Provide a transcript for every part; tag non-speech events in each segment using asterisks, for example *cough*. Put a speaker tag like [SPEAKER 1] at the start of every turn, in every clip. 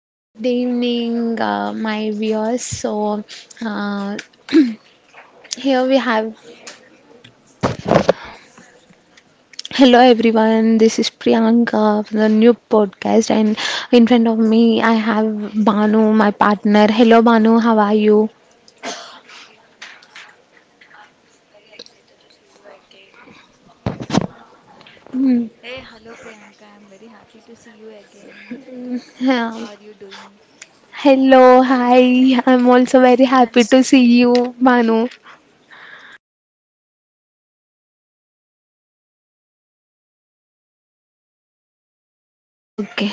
[SPEAKER 1] good evening, my viewers. Uh, *clears throat* here we have. Hello, everyone. This is Priyanka for the new podcast, and in front of me, I have Banu, my partner. Hello, Banu. How are you?
[SPEAKER 2] Hello Priyanka, I'm very excited to see you again.
[SPEAKER 1] Hmm.
[SPEAKER 2] Hey, hello Priyanka. I'm very happy to see you again.
[SPEAKER 1] Yeah.
[SPEAKER 2] How are you doing?
[SPEAKER 1] Hello, hi. I'm also very happy to see you, Banu. Okay.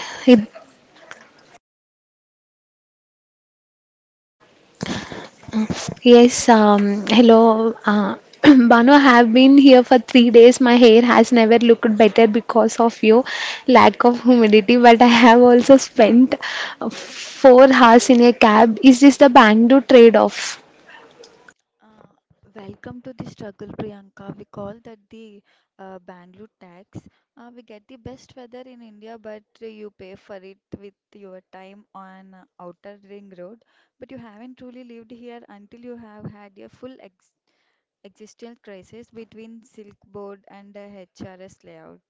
[SPEAKER 1] Uh, Yes, hello. *clears throat* Banu, I have been here for 3 days. My hair has never looked better because of your lack of humidity, but I have also spent 4 hours in a cab. Is this the Bangalore trade-off?
[SPEAKER 2] Uh, Welcome to the struggle, Priyanka. We call that the Bangalore tax. We get the best weather in India, but you pay for it with your time on Outer Ring Road. But you haven't truly lived here until you have had a full ex existential crisis between Silk Board and the HRS layout.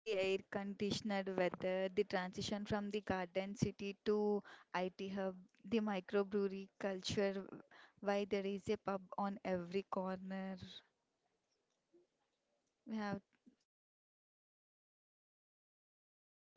[SPEAKER 2] The air conditioned weather, the transition from the garden city to IT hub, the microbrewery culture, why there is a pub on every corner. We have.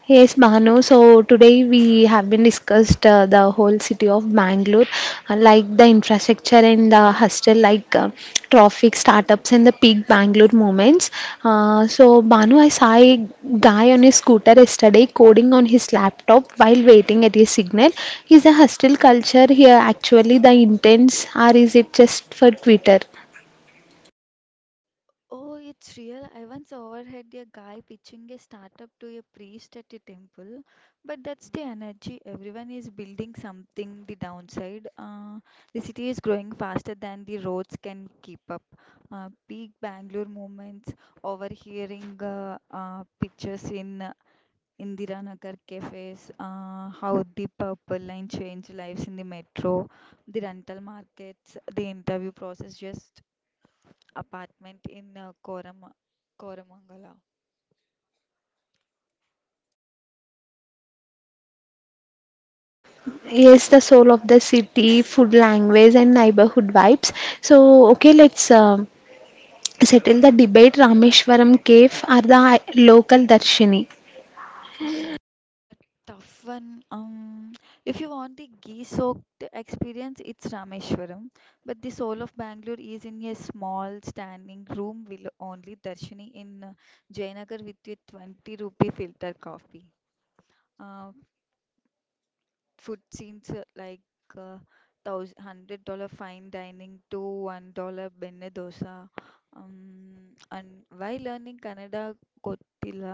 [SPEAKER 1] Yes, Bhanu. So today we have been discussed the whole city of Bangalore, like the infrastructure and the hustle, traffic, startups, and the peak Bangalore moments. So Bhanu, I saw a guy on his scooter yesterday coding on his laptop while waiting at his signal. Is the hustle culture here actually the intents, or is it just for Twitter?
[SPEAKER 2] Oh, it's real. I once overheard a guy pitching a startup to a priest at a temple, but that's the energy. Everyone is building something. The downside, the city is growing faster than the roads can keep up. Peak Bangalore moments, overhearing pictures in Indira Nagar cafes, how the purple line changed lives in the metro, the rental markets, the interview process, just apartment in Koramangala.
[SPEAKER 1] Yes, the soul of the city, food language, and neighborhood vibes. So, okay, let's settle the debate Rameshwaram cave or the local Darshini.
[SPEAKER 2] A tough one. If you want the ghee-soaked experience, it's Rameshwaram. But the soul of Bangalore is in a small standing room with only Darshini in Jayanagar with a 20 rupee filter coffee. Uh, Food scenes like uh, thousand hundred dollar fine dining to $1 benne dosa. And while learning Kannada Kottila,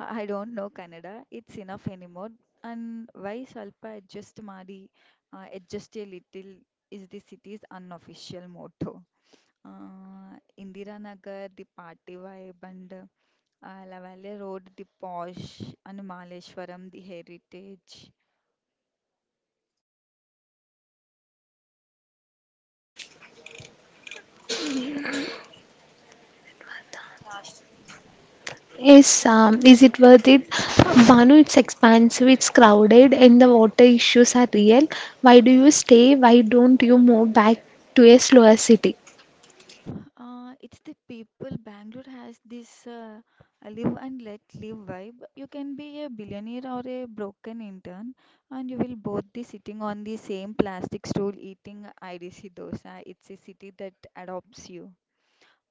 [SPEAKER 2] I don't know Kannada. It's enough anymore. And why Salpa adjust Madi, adjust a little is the city's unofficial motto. Indira Nagar, the party vibe, and Lavale Road, the posh, and Maleshwaram, the heritage.
[SPEAKER 1] Is it worth it? Banu, it's expensive, it's crowded, and the water issues are real. Why do you stay? Why don't you move back to a slower city?
[SPEAKER 2] It's the people. Bangalore has this live and let live vibe. You can be a billionaire or a broken intern, and you will both be sitting on the same plastic stool eating IDC dosa. It's a city that adopts you.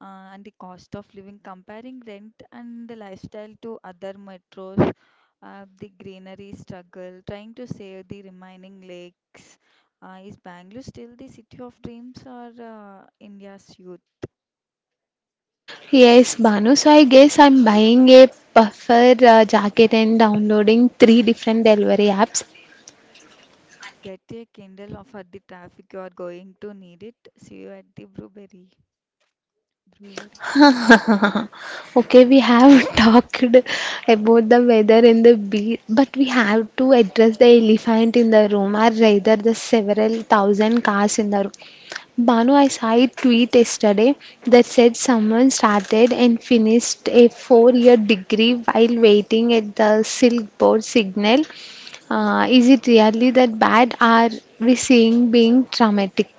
[SPEAKER 2] And the cost of living, comparing rent and the lifestyle to other metros, the greenery struggle, trying to save the remaining lakes. Is Bangalore still the city of dreams or India's youth?
[SPEAKER 1] Yes, Banu. So I guess I'm buying a puffer jacket and downloading three different delivery apps.
[SPEAKER 2] And get a Kindle of- for the traffic. You are going to need it. See you at the brewery. Brewery.
[SPEAKER 1] *laughs* Okay, we have *laughs* talked about the weather and the beach, but we have to address the elephant in the room, or rather, the several thousand cars in the room. Banu, I saw a tweet yesterday that said someone started and finished a four-year degree while waiting at the Silk Road signal. Is it really that bad? Are we seeing being traumatic?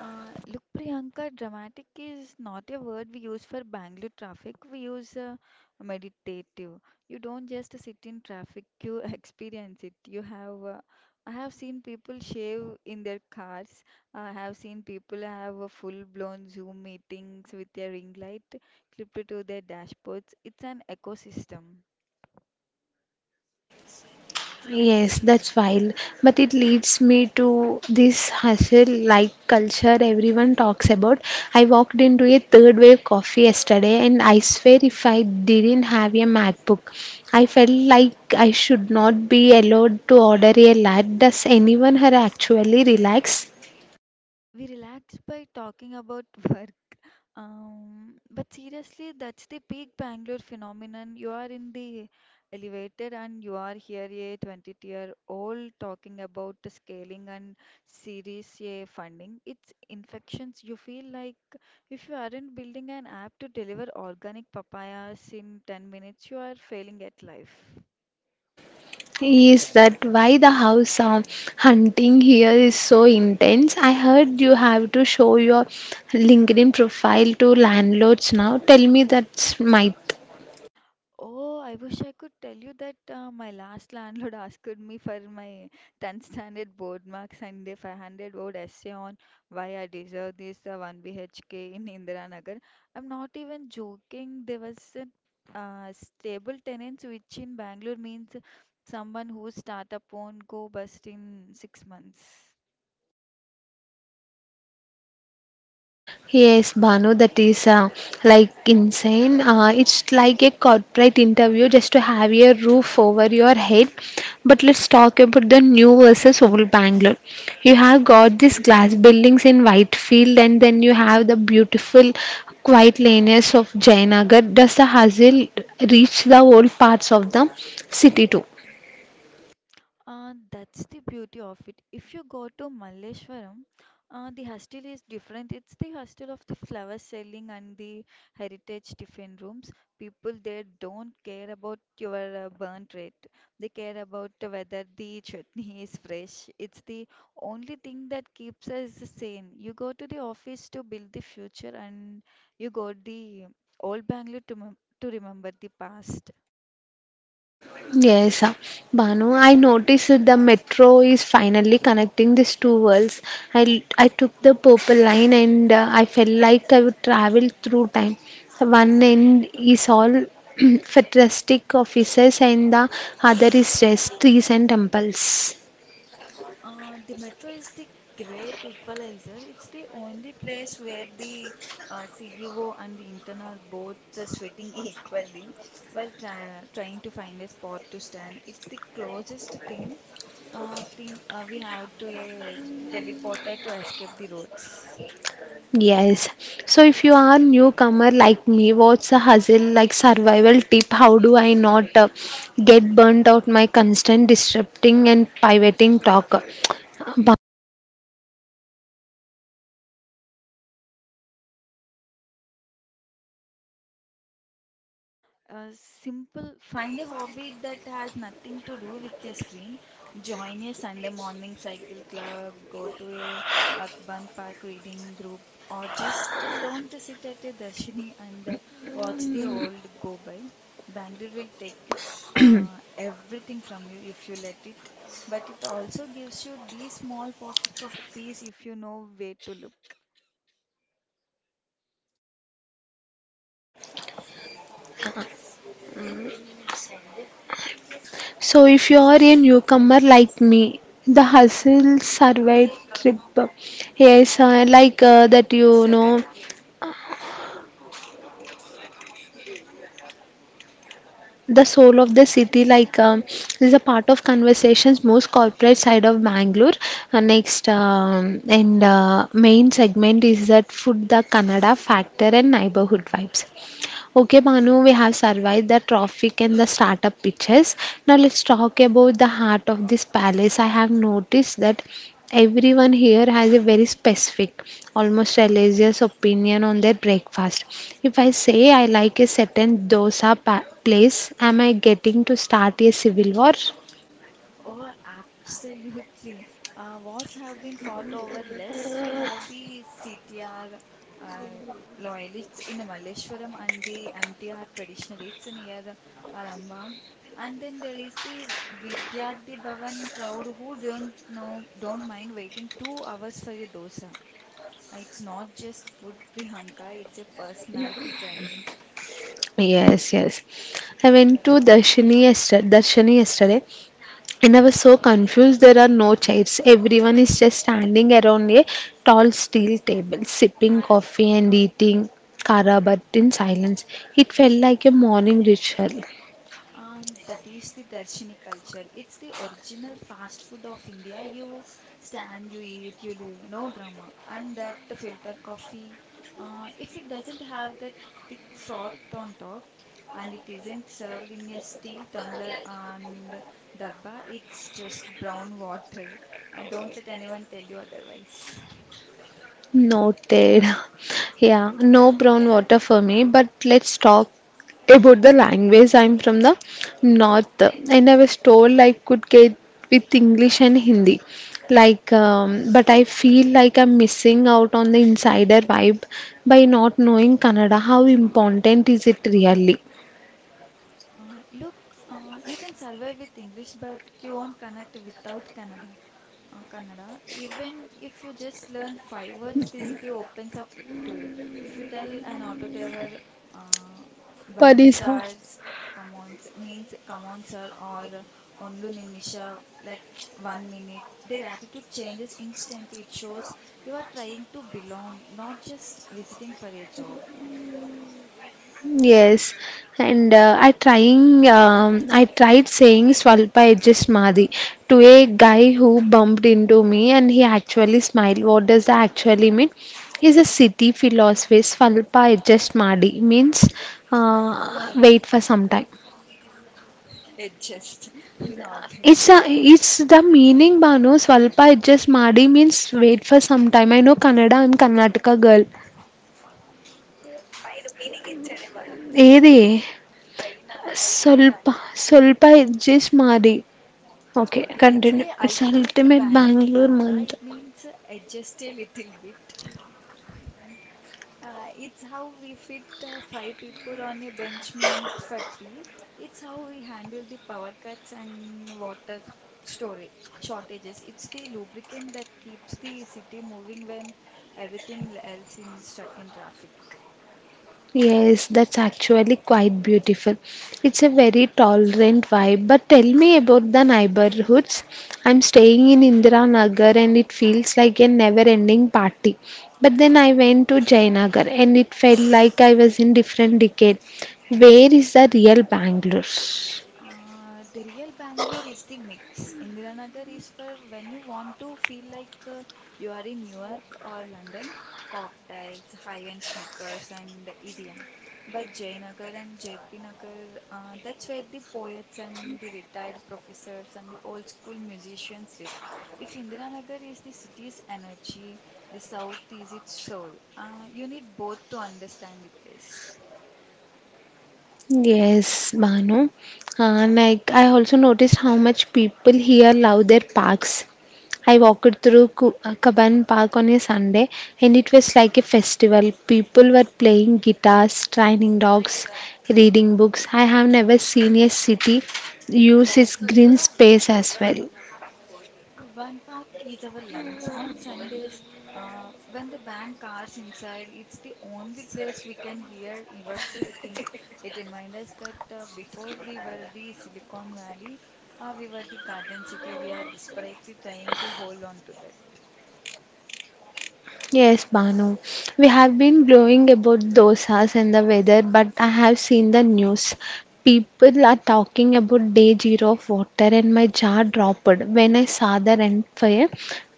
[SPEAKER 2] Look, Priyanka, dramatic is not a word we use for Bangalore traffic. We use meditative. You don't just sit in traffic, you *laughs* experience it. You have, I have seen people shave in their cars. I have seen people have a full-blown Zoom meetings with their ring light clipped to their dashboards. It's an ecosystem.
[SPEAKER 1] Yes, that's wild. But it leads me to this hustle like culture everyone talks about. I walked into a third wave coffee yesterday and I swear if I didn't have a MacBook, I felt like I should not be allowed to order a lat. Does anyone here actually relax?
[SPEAKER 2] We relaxed by talking about *laughs* work. But seriously, that's the peak Bangalore phenomenon. You are in the elevator and you are here a 20-year-old talking about the scaling and series A funding. It's infections. You feel like if you aren't building an app to deliver organic papayas in 10 minutes, you are failing at life.
[SPEAKER 1] Is that why the house hunting here is so intense? I heard you have to show your LinkedIn profile to landlords now. Tell me that's might.
[SPEAKER 2] Oh, I wish I could tell you that my last landlord *laughs* asked me for my 10th standard board marks and if I handed out essay on why I deserve this 1 BHK in Indira Nagar. I'm not even joking. There was a stable tenants, which in Bangalore means someone whose startup won't go bust in 6 months.
[SPEAKER 1] Yes, Banu, that is like insane. It's like a corporate interview just to have a roof over your head. But let's talk about the new versus old Bangalore. You have got these glass buildings in Whitefield, and then you have the beautiful, quiet lanes of Jayanagar. Does the hustle reach the old parts of the city too?
[SPEAKER 2] That's the beauty of it. If you go to Malleshwaram, the hostel is different. It's the hostel of the flower selling and the heritage tiffin rooms. People there don't care about your burnt rate. They care about whether the chutney *laughs* is fresh. It's the only thing that keeps us sane. You go to the office to build the future, and you go the old Bangalore to to remember the past.
[SPEAKER 1] Yes, Banu, I noticed that the metro is finally connecting these two worlds. I took the purple line and I felt like I would travel through time. One end is all *clears throat* futuristic offices and the other is just trees and temples.
[SPEAKER 2] The metro is the great equalizer. It's the only place where the CEO and the intern are both sweating *laughs* equally while trying to find a spot to stand. It's the closest thing we have to a teleporter to escape the roads.
[SPEAKER 1] Yes. So if you are newcomer like me, what's a hustle like survival tip? How do I not get burnt out my constant disrupting and pivoting talk? *tsk*
[SPEAKER 2] Uh, Simple, find a hobby that has nothing to do with your screen. Join a Sunday morning cycle club, go to a Akban Park reading group, or just alone to sit at a Darshini and watch the old go by. Bangalore will take you everything from you if you let it, but it also gives you these small pockets of peace if you know where to look.
[SPEAKER 1] So, if you are a newcomer like me, the hustle survive trip. Yes, the soul of the city, is a part of conversations, most corporate side of Bangalore. Next, and main segment is that food, the Kannada factor, and neighborhood vibes. Okay, Banu, we have survived the traffic and the startup pitches. Now let's talk about the heart of this palace. I have noticed that everyone here has a very specific, almost religious opinion on their breakfast. If I say I like a certain place, am I getting to start a civil war?
[SPEAKER 2] Oh, absolutely. Wars have been fought over less. You have the CTR uh, loyalists in Malleshwaram and the MTR traditionalists near Alambag. And then there is the Vidyarthi Bhavan crowd who don't mind waiting 2 hours for a dosa. It's not just food, *laughs* Priyanka, it's a personality trait.
[SPEAKER 1] Yes, yes. I went to Darshini yesterday and I was so confused. There are no chairs. Everyone is just standing around a tall steel table, sipping coffee and eating karabat in silence. It felt like a morning ritual.
[SPEAKER 2] That is the Darshini culture. It's the original fast food of India. You stand, you eat, you live, no drama. And that filter coffee, if it doesn't have that thick froth on top and it isn't served in a steel tumbler and darba, it's just brown water. Don't let anyone tell you otherwise.
[SPEAKER 1] Noted. *laughs* Yeah, no brown water for me, but let's talk about the language. I'm from the north and I was told I could get with English and Hindi. But I feel like I'm missing out on the insider vibe by not knowing Kannada. How important is it really?
[SPEAKER 2] Look, you can survive with English, but you won't connect without Kannada. Kannada, even if you just learn 5 words, the city opens up to you. If you tell an auto driver, uh, Banni
[SPEAKER 1] Parisa.
[SPEAKER 2] sir, come on, s- means come on, sir, or Ondu Nimisha, like *sniffs* *tsk* 1 minute, their attitude changes instantly. It shows you are trying to belong, not just visiting for a job.
[SPEAKER 1] Yes, and I tried saying Swalpa just Madi to a guy who bumped into me and he actually smiled. What does that actually mean? Is a city philosopher. Swalpa just Madi means
[SPEAKER 2] Uh,
[SPEAKER 1] wait for some time.
[SPEAKER 2] it just, *laughs* not that.
[SPEAKER 1] It's the meaning Banu Swalpa just Madi means wait for some time. I know Kannada. I'm Karnataka girl.
[SPEAKER 2] Yeah.
[SPEAKER 1] ఏది స్వల్ప స్వల్ప edges మాది Okay,
[SPEAKER 2] Okay, it's
[SPEAKER 1] continue.
[SPEAKER 2] the
[SPEAKER 1] It's
[SPEAKER 2] ultimate
[SPEAKER 1] ultimate
[SPEAKER 2] Bangalore
[SPEAKER 1] Bangalore
[SPEAKER 2] mantra.
[SPEAKER 1] month.
[SPEAKER 2] It means adjust a little bit. It's how we fit 5 people on a bench meant for three. It's how we handle the power cuts and water storage shortages. It's the lubricant that keeps the city moving when everything else is stuck in traffic.
[SPEAKER 1] Yes, that's actually quite beautiful. It's a very tolerant vibe. But tell me about the neighborhoods. I'm staying in Indira Nagar and it feels like a never-ending party. But then I went to Jayanagar and it felt like I was in different decade. Where is the real Bangalore?
[SPEAKER 2] The real Bangalore is the mix. Indiranagar is for when you want to feel like you are in New York or London, cocktails, high-end sneakers, and idiom. But Jayanagar and JP Nagar, that's where the poets and the retired professors and the old school musicians live. If Indiranagar is the city's energy, the south is its soul. You need both to understand the place.
[SPEAKER 1] Yes, Banu. Like I also noticed how much people here love their parks. I walked through Kaban Park on a Sunday and it was like a festival. People were playing guitars, training dogs, reading books. I have never seen a city use its green space as well.
[SPEAKER 2] One Park is our lungs. On Sundays, when they ban cars inside, it's the only place we can hear ourselves think. It reminds us that before we were the Silicon Valley, we were the Garden City. We are desperately trying to hold on to that.
[SPEAKER 1] Yes, Banu. We have been glowing about dosas and the weather, but I have seen the news. People are talking about day zero of water, and my jaw dropped when I saw the rent for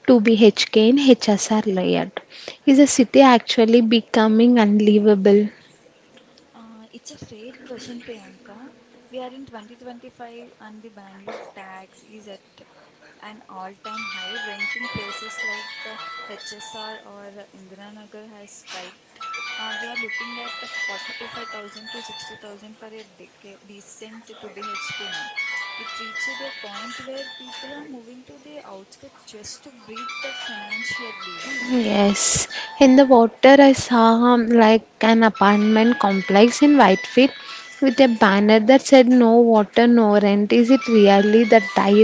[SPEAKER 1] 2BHK in HSR layout. Is the city actually becoming unlivable?
[SPEAKER 2] It's a fair question, Priyanka. We are in 2025 and the Bangalore tax is at an all-time high. Rent in places like HSR or Indiranagar has spiked. We are looking at 45,000 to 60,000 for a decent 2BHK now. It reached a point where people are moving to the outskirts just to breathe the financially.
[SPEAKER 1] Yes, in the water I saw like an apartment complex in Whitefield with a banner that said no water, no rent. Is it really the dire?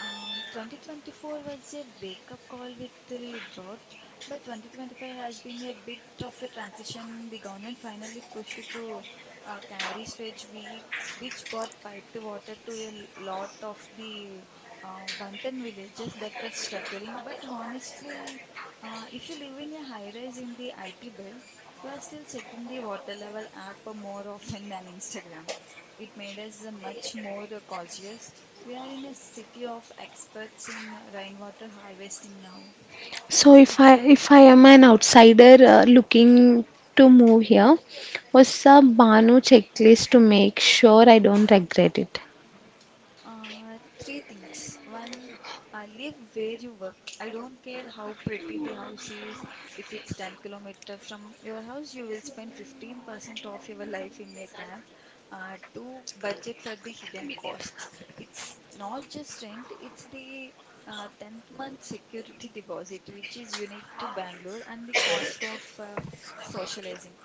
[SPEAKER 2] 2024 was a wake up call with the drought, but 2025 has been a bit of a transition. The government finally pushed through Caveri stretch, which brought piped water to a lot of the Vantan villages that were struggling. But honestly, if you live in a high rise in the IT belt, you are still checking the water level app more *laughs* often than Instagram. It made us much more cautious. We are in a city of experts in rainwater harvesting now.
[SPEAKER 1] So if I am an outsider looking to move here, what's a Banu checklist to make sure I don't regret it?
[SPEAKER 2] Three things. One, live where you work. I don't care how pretty the house is. If it's 10-kilometer from your house, you will spend 15% of your life in a cab. Two, budget for the hidden costs. It's not just rent, it's the 10th month security *laughs* deposit, which is unique to Bangalore, and the cost of socializing.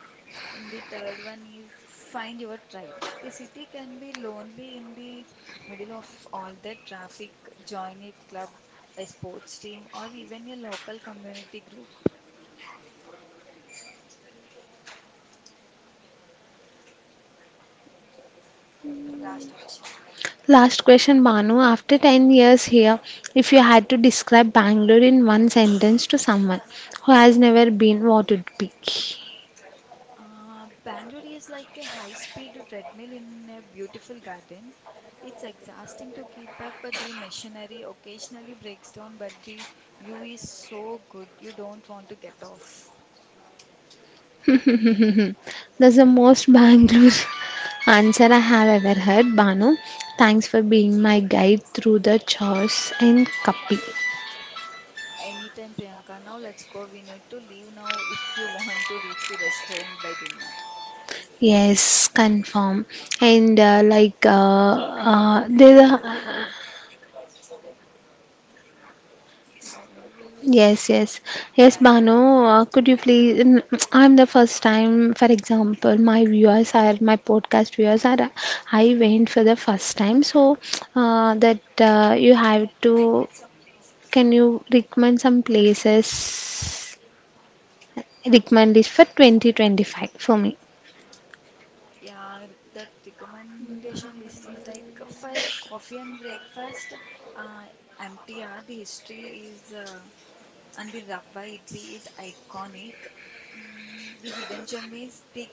[SPEAKER 2] The third one is find your tribe. The city can be lonely in the middle of all the traffic. Join a club, a sports team, or even a local community group.
[SPEAKER 1] Last question, Banu. After 10 years here, if you had to describe Bangalore in one sentence to someone who has never been, what would it be?
[SPEAKER 2] Bangalore is like a high-speed treadmill in a beautiful garden. It's exhausting to keep up, but the machinery occasionally breaks down, but the view is so good you don't want to get off.
[SPEAKER 1] *laughs* That's the most Bangalore *laughs* answer I have ever heard, Banu. Thanks for being my guide through the chores and Kapi.
[SPEAKER 2] Anytime, Priyanka. Now let's go. We need to leave now if you *laughs* want to reach the restaurant by dinner.
[SPEAKER 1] Yes, confirm. And like there are, yes, yes, yes, Bano. Could you please? *tsk* I'm the first time. For example, my podcast viewers are. I went for the first time, so *tsk* that you have to. Can you recommend some places? Recommend it for 2025 for me.
[SPEAKER 2] Yeah, that recommendation list is like for coffee and breakfast. Uh, MTR, the history is and the Rava idli is iconic. Mm, the hidden gem is the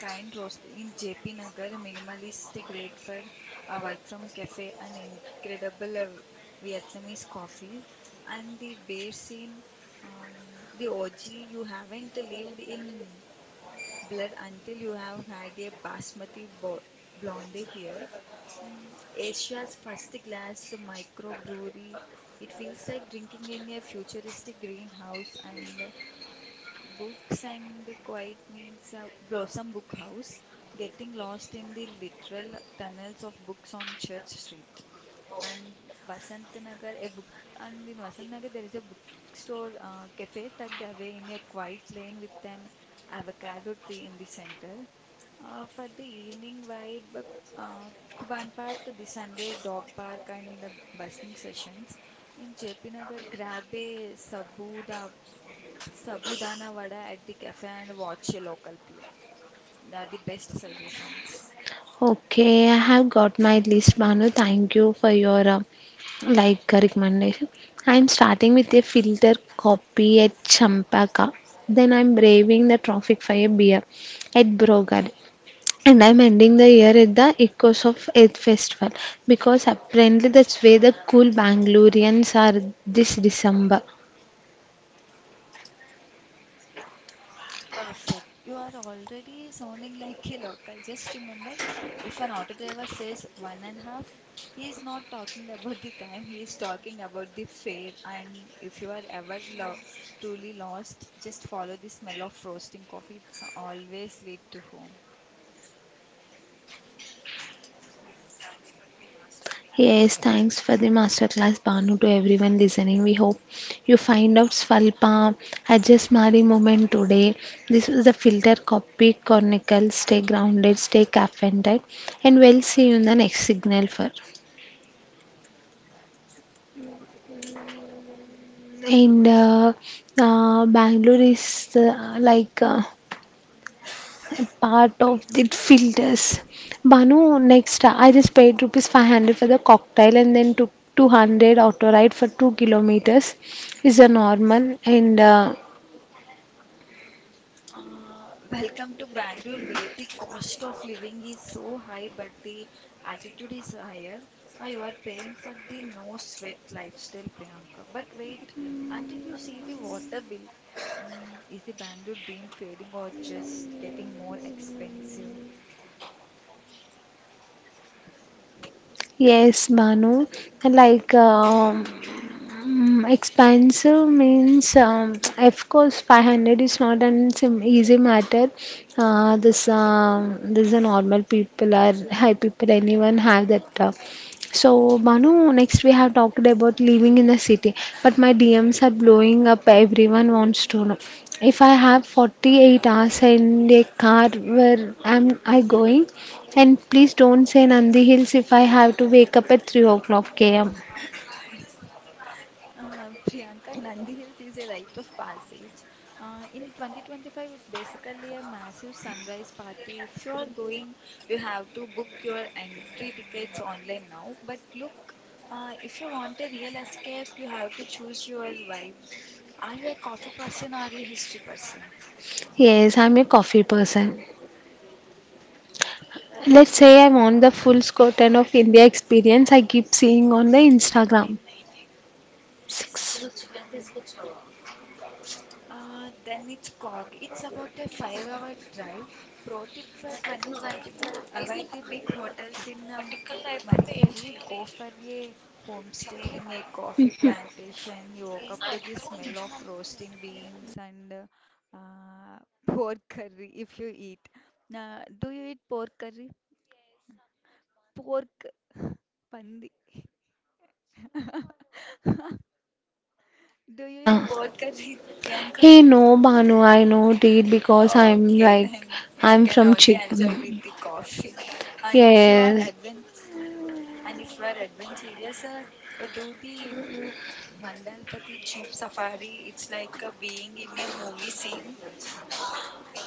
[SPEAKER 2] kind roast in JP Nagar, minimalist, great for a work from cafe and incredible Vietnamese coffee. And the bear scene, um, the OG, you haven't lived in Blur until you have had a basmati bo blonde here. Mm, Asia's first glass microbrewery. It feels like drinking in a futuristic greenhouse. And books and the quiet means Blossom Book House, getting lost in the literal tunnels of books on Church Street, and Vasant Nagar a book and in Vasant Nagar there is a bookstore cafe tucked away in a quiet lane with an avocado tree in the center. For the evening vibe, uh, Kuban Park, the Sunday dog park and the busking sessions. In JP Nagar, grab a Sabu, the Sabudana vada at the cafe and watch a local play. They are the best suggestions.
[SPEAKER 1] Okay, I have got my list, Banu. Thank you for your recommendation. I'm starting with a filter coffee at Champaka. Then I'm braving the traffic for a beer at Brogad. And I'm ending the year at the Echoes of Earth Festival because apparently that's where the cool Bangaloreans are this December.
[SPEAKER 2] Perfect. You are already sounding like a local. Just remember, if an auto driver says one and a half, he is not talking *laughs* about the time, he is talking about the fare. And if you are ever lo truly lost, just follow the smell of roasting coffee. It's always lead to home.
[SPEAKER 1] Yes, thanks for the masterclass, Banu, to everyone listening. We hope you find out Svalpa Ajasmari moment today. This was the filter copy chronicle. Stay grounded, stay caffeinated, and we'll see you in the next signal for. And Bangalore is like. Part of the filters. Banu, next, I just paid rupees 500 for the cocktail and then took 200 auto ride for 2 kilometers. Is a normal and
[SPEAKER 2] Welcome to Bangalore, where the cost of living is so high, but the altitude is higher. You are paying for the no sweat lifestyle, Priyanka. But wait until you see the water bill. Mm, is the Bangalore dream fading or just getting more expensive?
[SPEAKER 1] yes, Banu, like um Mm, expensive means, of course, 500 is not an easy matter. This a normal people or high people, anyone have that. So, Manu, next we have talked about living in the city, but my DMs are blowing up. Everyone wants to know if I have 48 hours in a car, where am I going? And please don't say Nandi Hills if I have to wake up at 3 o'clock AM.
[SPEAKER 2] Priyanka, Nandi Hills is a rite of passage. In 2025, it's basically a massive sunrise party. If you are going, you have to book your entry tickets online now. But look, if you want a real escape, you have to choose your vibe. Are you a coffee person or a history person?
[SPEAKER 1] Yes, I'm a coffee person. Let's say I want the full scope of India experience I keep seeing on the Instagram. Six.
[SPEAKER 2] Then it's Cog. It's about a 5 hour drive. Pro tip for 2025, avoid the big hotels in Madikeri. Go for a homestay in a coffee plantation. You woke up to the smell of roasting beans and *laughs* uh, pork curry if you eat. Do you eat pork curry? Pork pandi. Do you
[SPEAKER 1] Anna.
[SPEAKER 2] eat pork curry, *laughs* Priyanka?
[SPEAKER 1] Hey, no, Banu, I know date because I'm
[SPEAKER 2] Okay, *laughs*
[SPEAKER 1] like,
[SPEAKER 2] then you
[SPEAKER 1] I'm
[SPEAKER 2] can
[SPEAKER 1] from
[SPEAKER 2] only
[SPEAKER 1] Chik.
[SPEAKER 2] enjoy with the coffee. And if you are
[SPEAKER 1] Yes.
[SPEAKER 2] advent and if you are adventurous, do the Mandalpati Jeep Safari. It's like being in a movie scene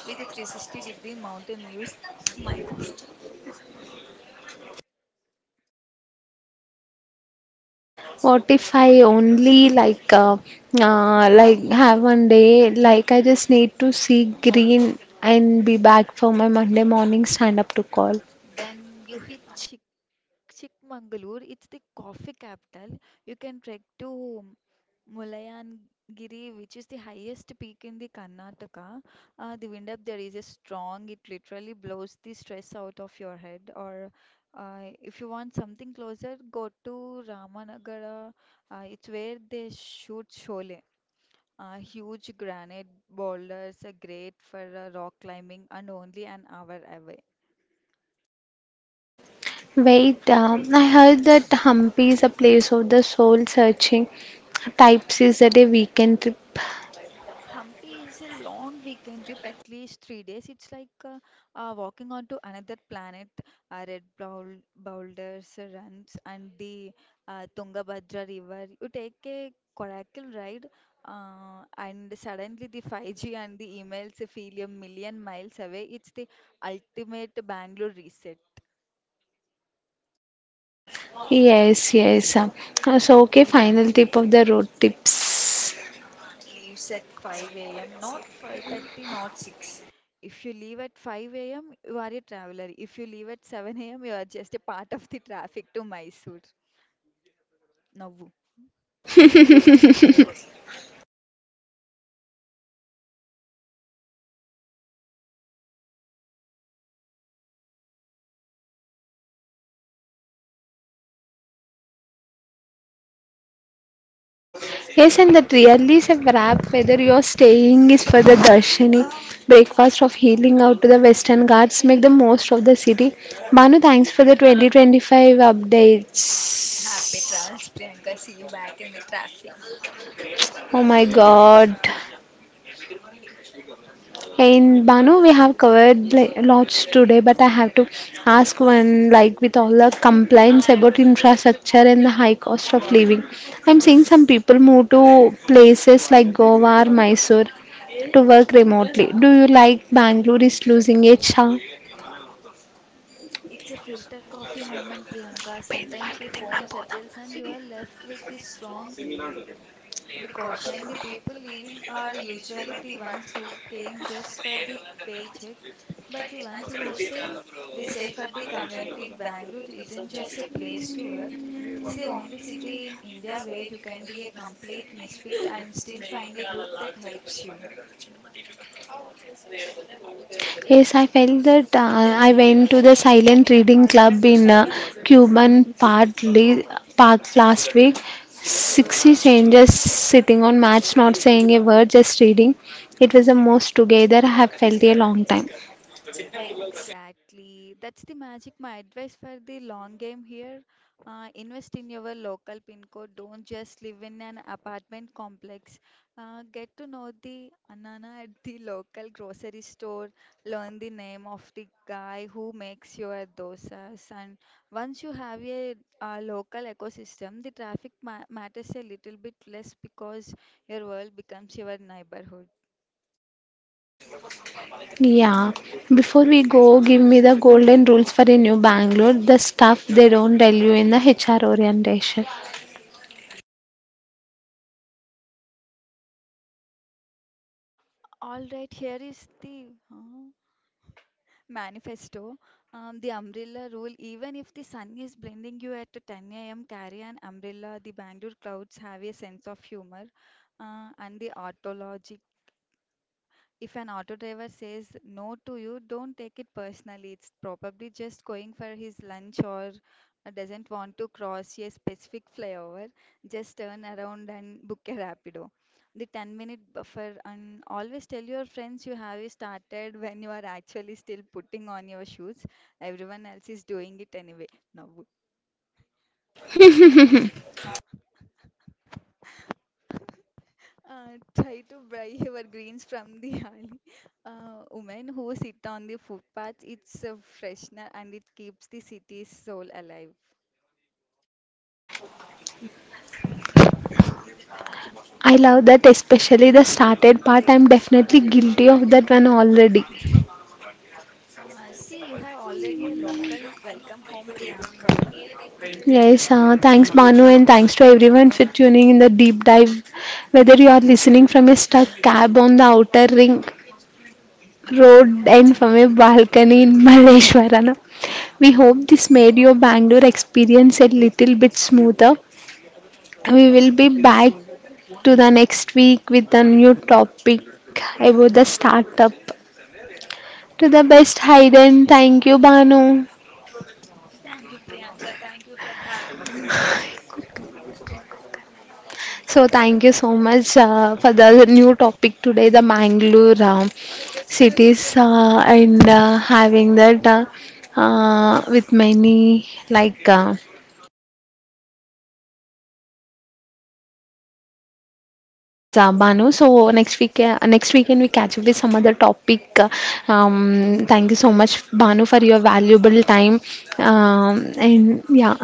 [SPEAKER 2] with a 360 degree mountain views. My coffee.
[SPEAKER 1] What if I only have one day, like I just need to see green and be back for my Monday morning stand up to call.
[SPEAKER 2] Then you hit Chic Chikmagalur, it's the coffee capital. You can trek to Mullayanagiri, which is the highest peak in the Karnataka. The wind up there is a strong, it literally blows the stress out of your head. Or if you want something closer, go to Ramanagara. It's where they shoot Sholay. Huge granite boulders are great for rock climbing and only an hour away.
[SPEAKER 1] Wait, I heard that Hampi is a place of the soul searching. Types is that a weekend trip?
[SPEAKER 2] Hampi is a long weekend trip, at least 3 days. It's like walking onto another planet. Red boulders, runs, and the Tungabhadra River. You take a coracle ride, and suddenly the 5G and the emails feel a million miles away. It's the ultimate Bangalore reset.
[SPEAKER 1] Yes, yes. So, okay, final tip of the road tips.
[SPEAKER 2] Leaves at 5 a.m., not 5:30, not 6. If you leave at 5 a.m., you are a traveler. If you leave at 7 a.m., you are just a part of the traffic to Mysore. Navvu.
[SPEAKER 1] *laughs* Yes, and that really is a wrap whether your staying is for the Darshini breakfast of healing out to the Western Ghats. Make the most of the city. Manu, thanks for the 2025 updates.
[SPEAKER 2] Happy travels, Priyanka. See you back in the traffic.
[SPEAKER 1] Oh my god. And Banu, we have covered like, lots today, but I have to ask one like with all the complaints about infrastructure and the high cost of living. I'm seeing some people move to places like Goa or Mysore to work remotely. Do you like Bangalore is losing its charm?
[SPEAKER 2] It's a filter coffee moment, Priyanka. Sometimes the foam settles and you are left with the strong. The caution, the people leaving are usually the ones who came just for the paycheck, but the ones who stay, they stay for the community. Bangalore isn't just a place to work, it's the only city in India where you can be a complete misfit and still find a group that helps you.
[SPEAKER 1] Yes, I felt that I went to the silent reading club in Cuban Park last week. 60 strangers sitting on mats, not saying a word, just reading. It was the most together I have felt a long time.
[SPEAKER 2] Exactly. That's the magic. My advice for the long game here, invest in your local pin code. Don't just live in an apartment complex. Get to know the anana at the local grocery store. Learn the name of the guy who makes your dosas. And once you have a local ecosystem, the traffic ma matters a little bit less because your world becomes your neighborhood.
[SPEAKER 1] Yeah. Before we go, give me the golden rules for a new Bangalore, the stuff they don't tell you in the HR orientation.
[SPEAKER 2] All right, here is the. Huh? Manifesto, the umbrella rule, even if the sun is blinding you at 10 a.m., carry an umbrella. The Bangalore clouds have a sense of humor. And the autologic, if an auto driver says no to you, don't take it personally. It's probably just going for his lunch or doesn't want to cross a specific flyover. Just turn around and book a rapido. The 10-minute buffer and always tell your friends you have started when you are actually still putting on your shoes. Everyone else is doing it anyway. Now,
[SPEAKER 1] *laughs*
[SPEAKER 2] Try to buy your greens from the *laughs* alley. Women who sit on the footpaths, it's a freshener and it keeps the city's soul alive.
[SPEAKER 1] I love that, especially the started part. I'm definitely guilty of that one already.
[SPEAKER 2] See, you have already a local welcome home, Priyanka.
[SPEAKER 1] Yes, thanks Manu and thanks to everyone for tuning in the deep dive. Whether you are listening from a stuck cab on the outer ring road and from a balcony in *laughs* Maleshwarana, we hope this made your Bangalore experience a little bit smoother. We will be back to the next week with a new topic about the startup. To the best, Hayden. Thank you, Banu.
[SPEAKER 2] Thank you, Priyanka. Thank you for having me.
[SPEAKER 1] So thank you so much for the new topic today, the Mangalore cities and having that with many like yes, Banu. So next week, next weekend we catch up with some other topic. Thank you so much, Banu, for your valuable time. And yeah.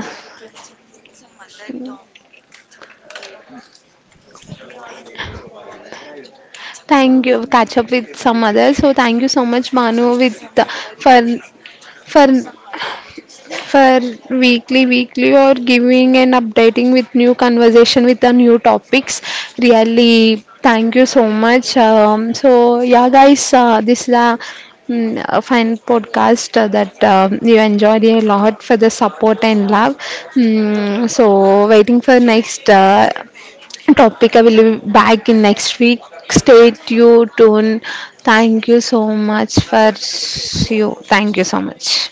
[SPEAKER 1] Thank you. Catch up with some others. So thank you so much, Manu, with for for for weekly or giving and updating with new conversation with the new topics really thank you so much so yeah guys this is a a fun podcast that you enjoyed a lot for the support and love Mm, so waiting for next topic I will be back in next week stay tuned thank you so much for you thank you so much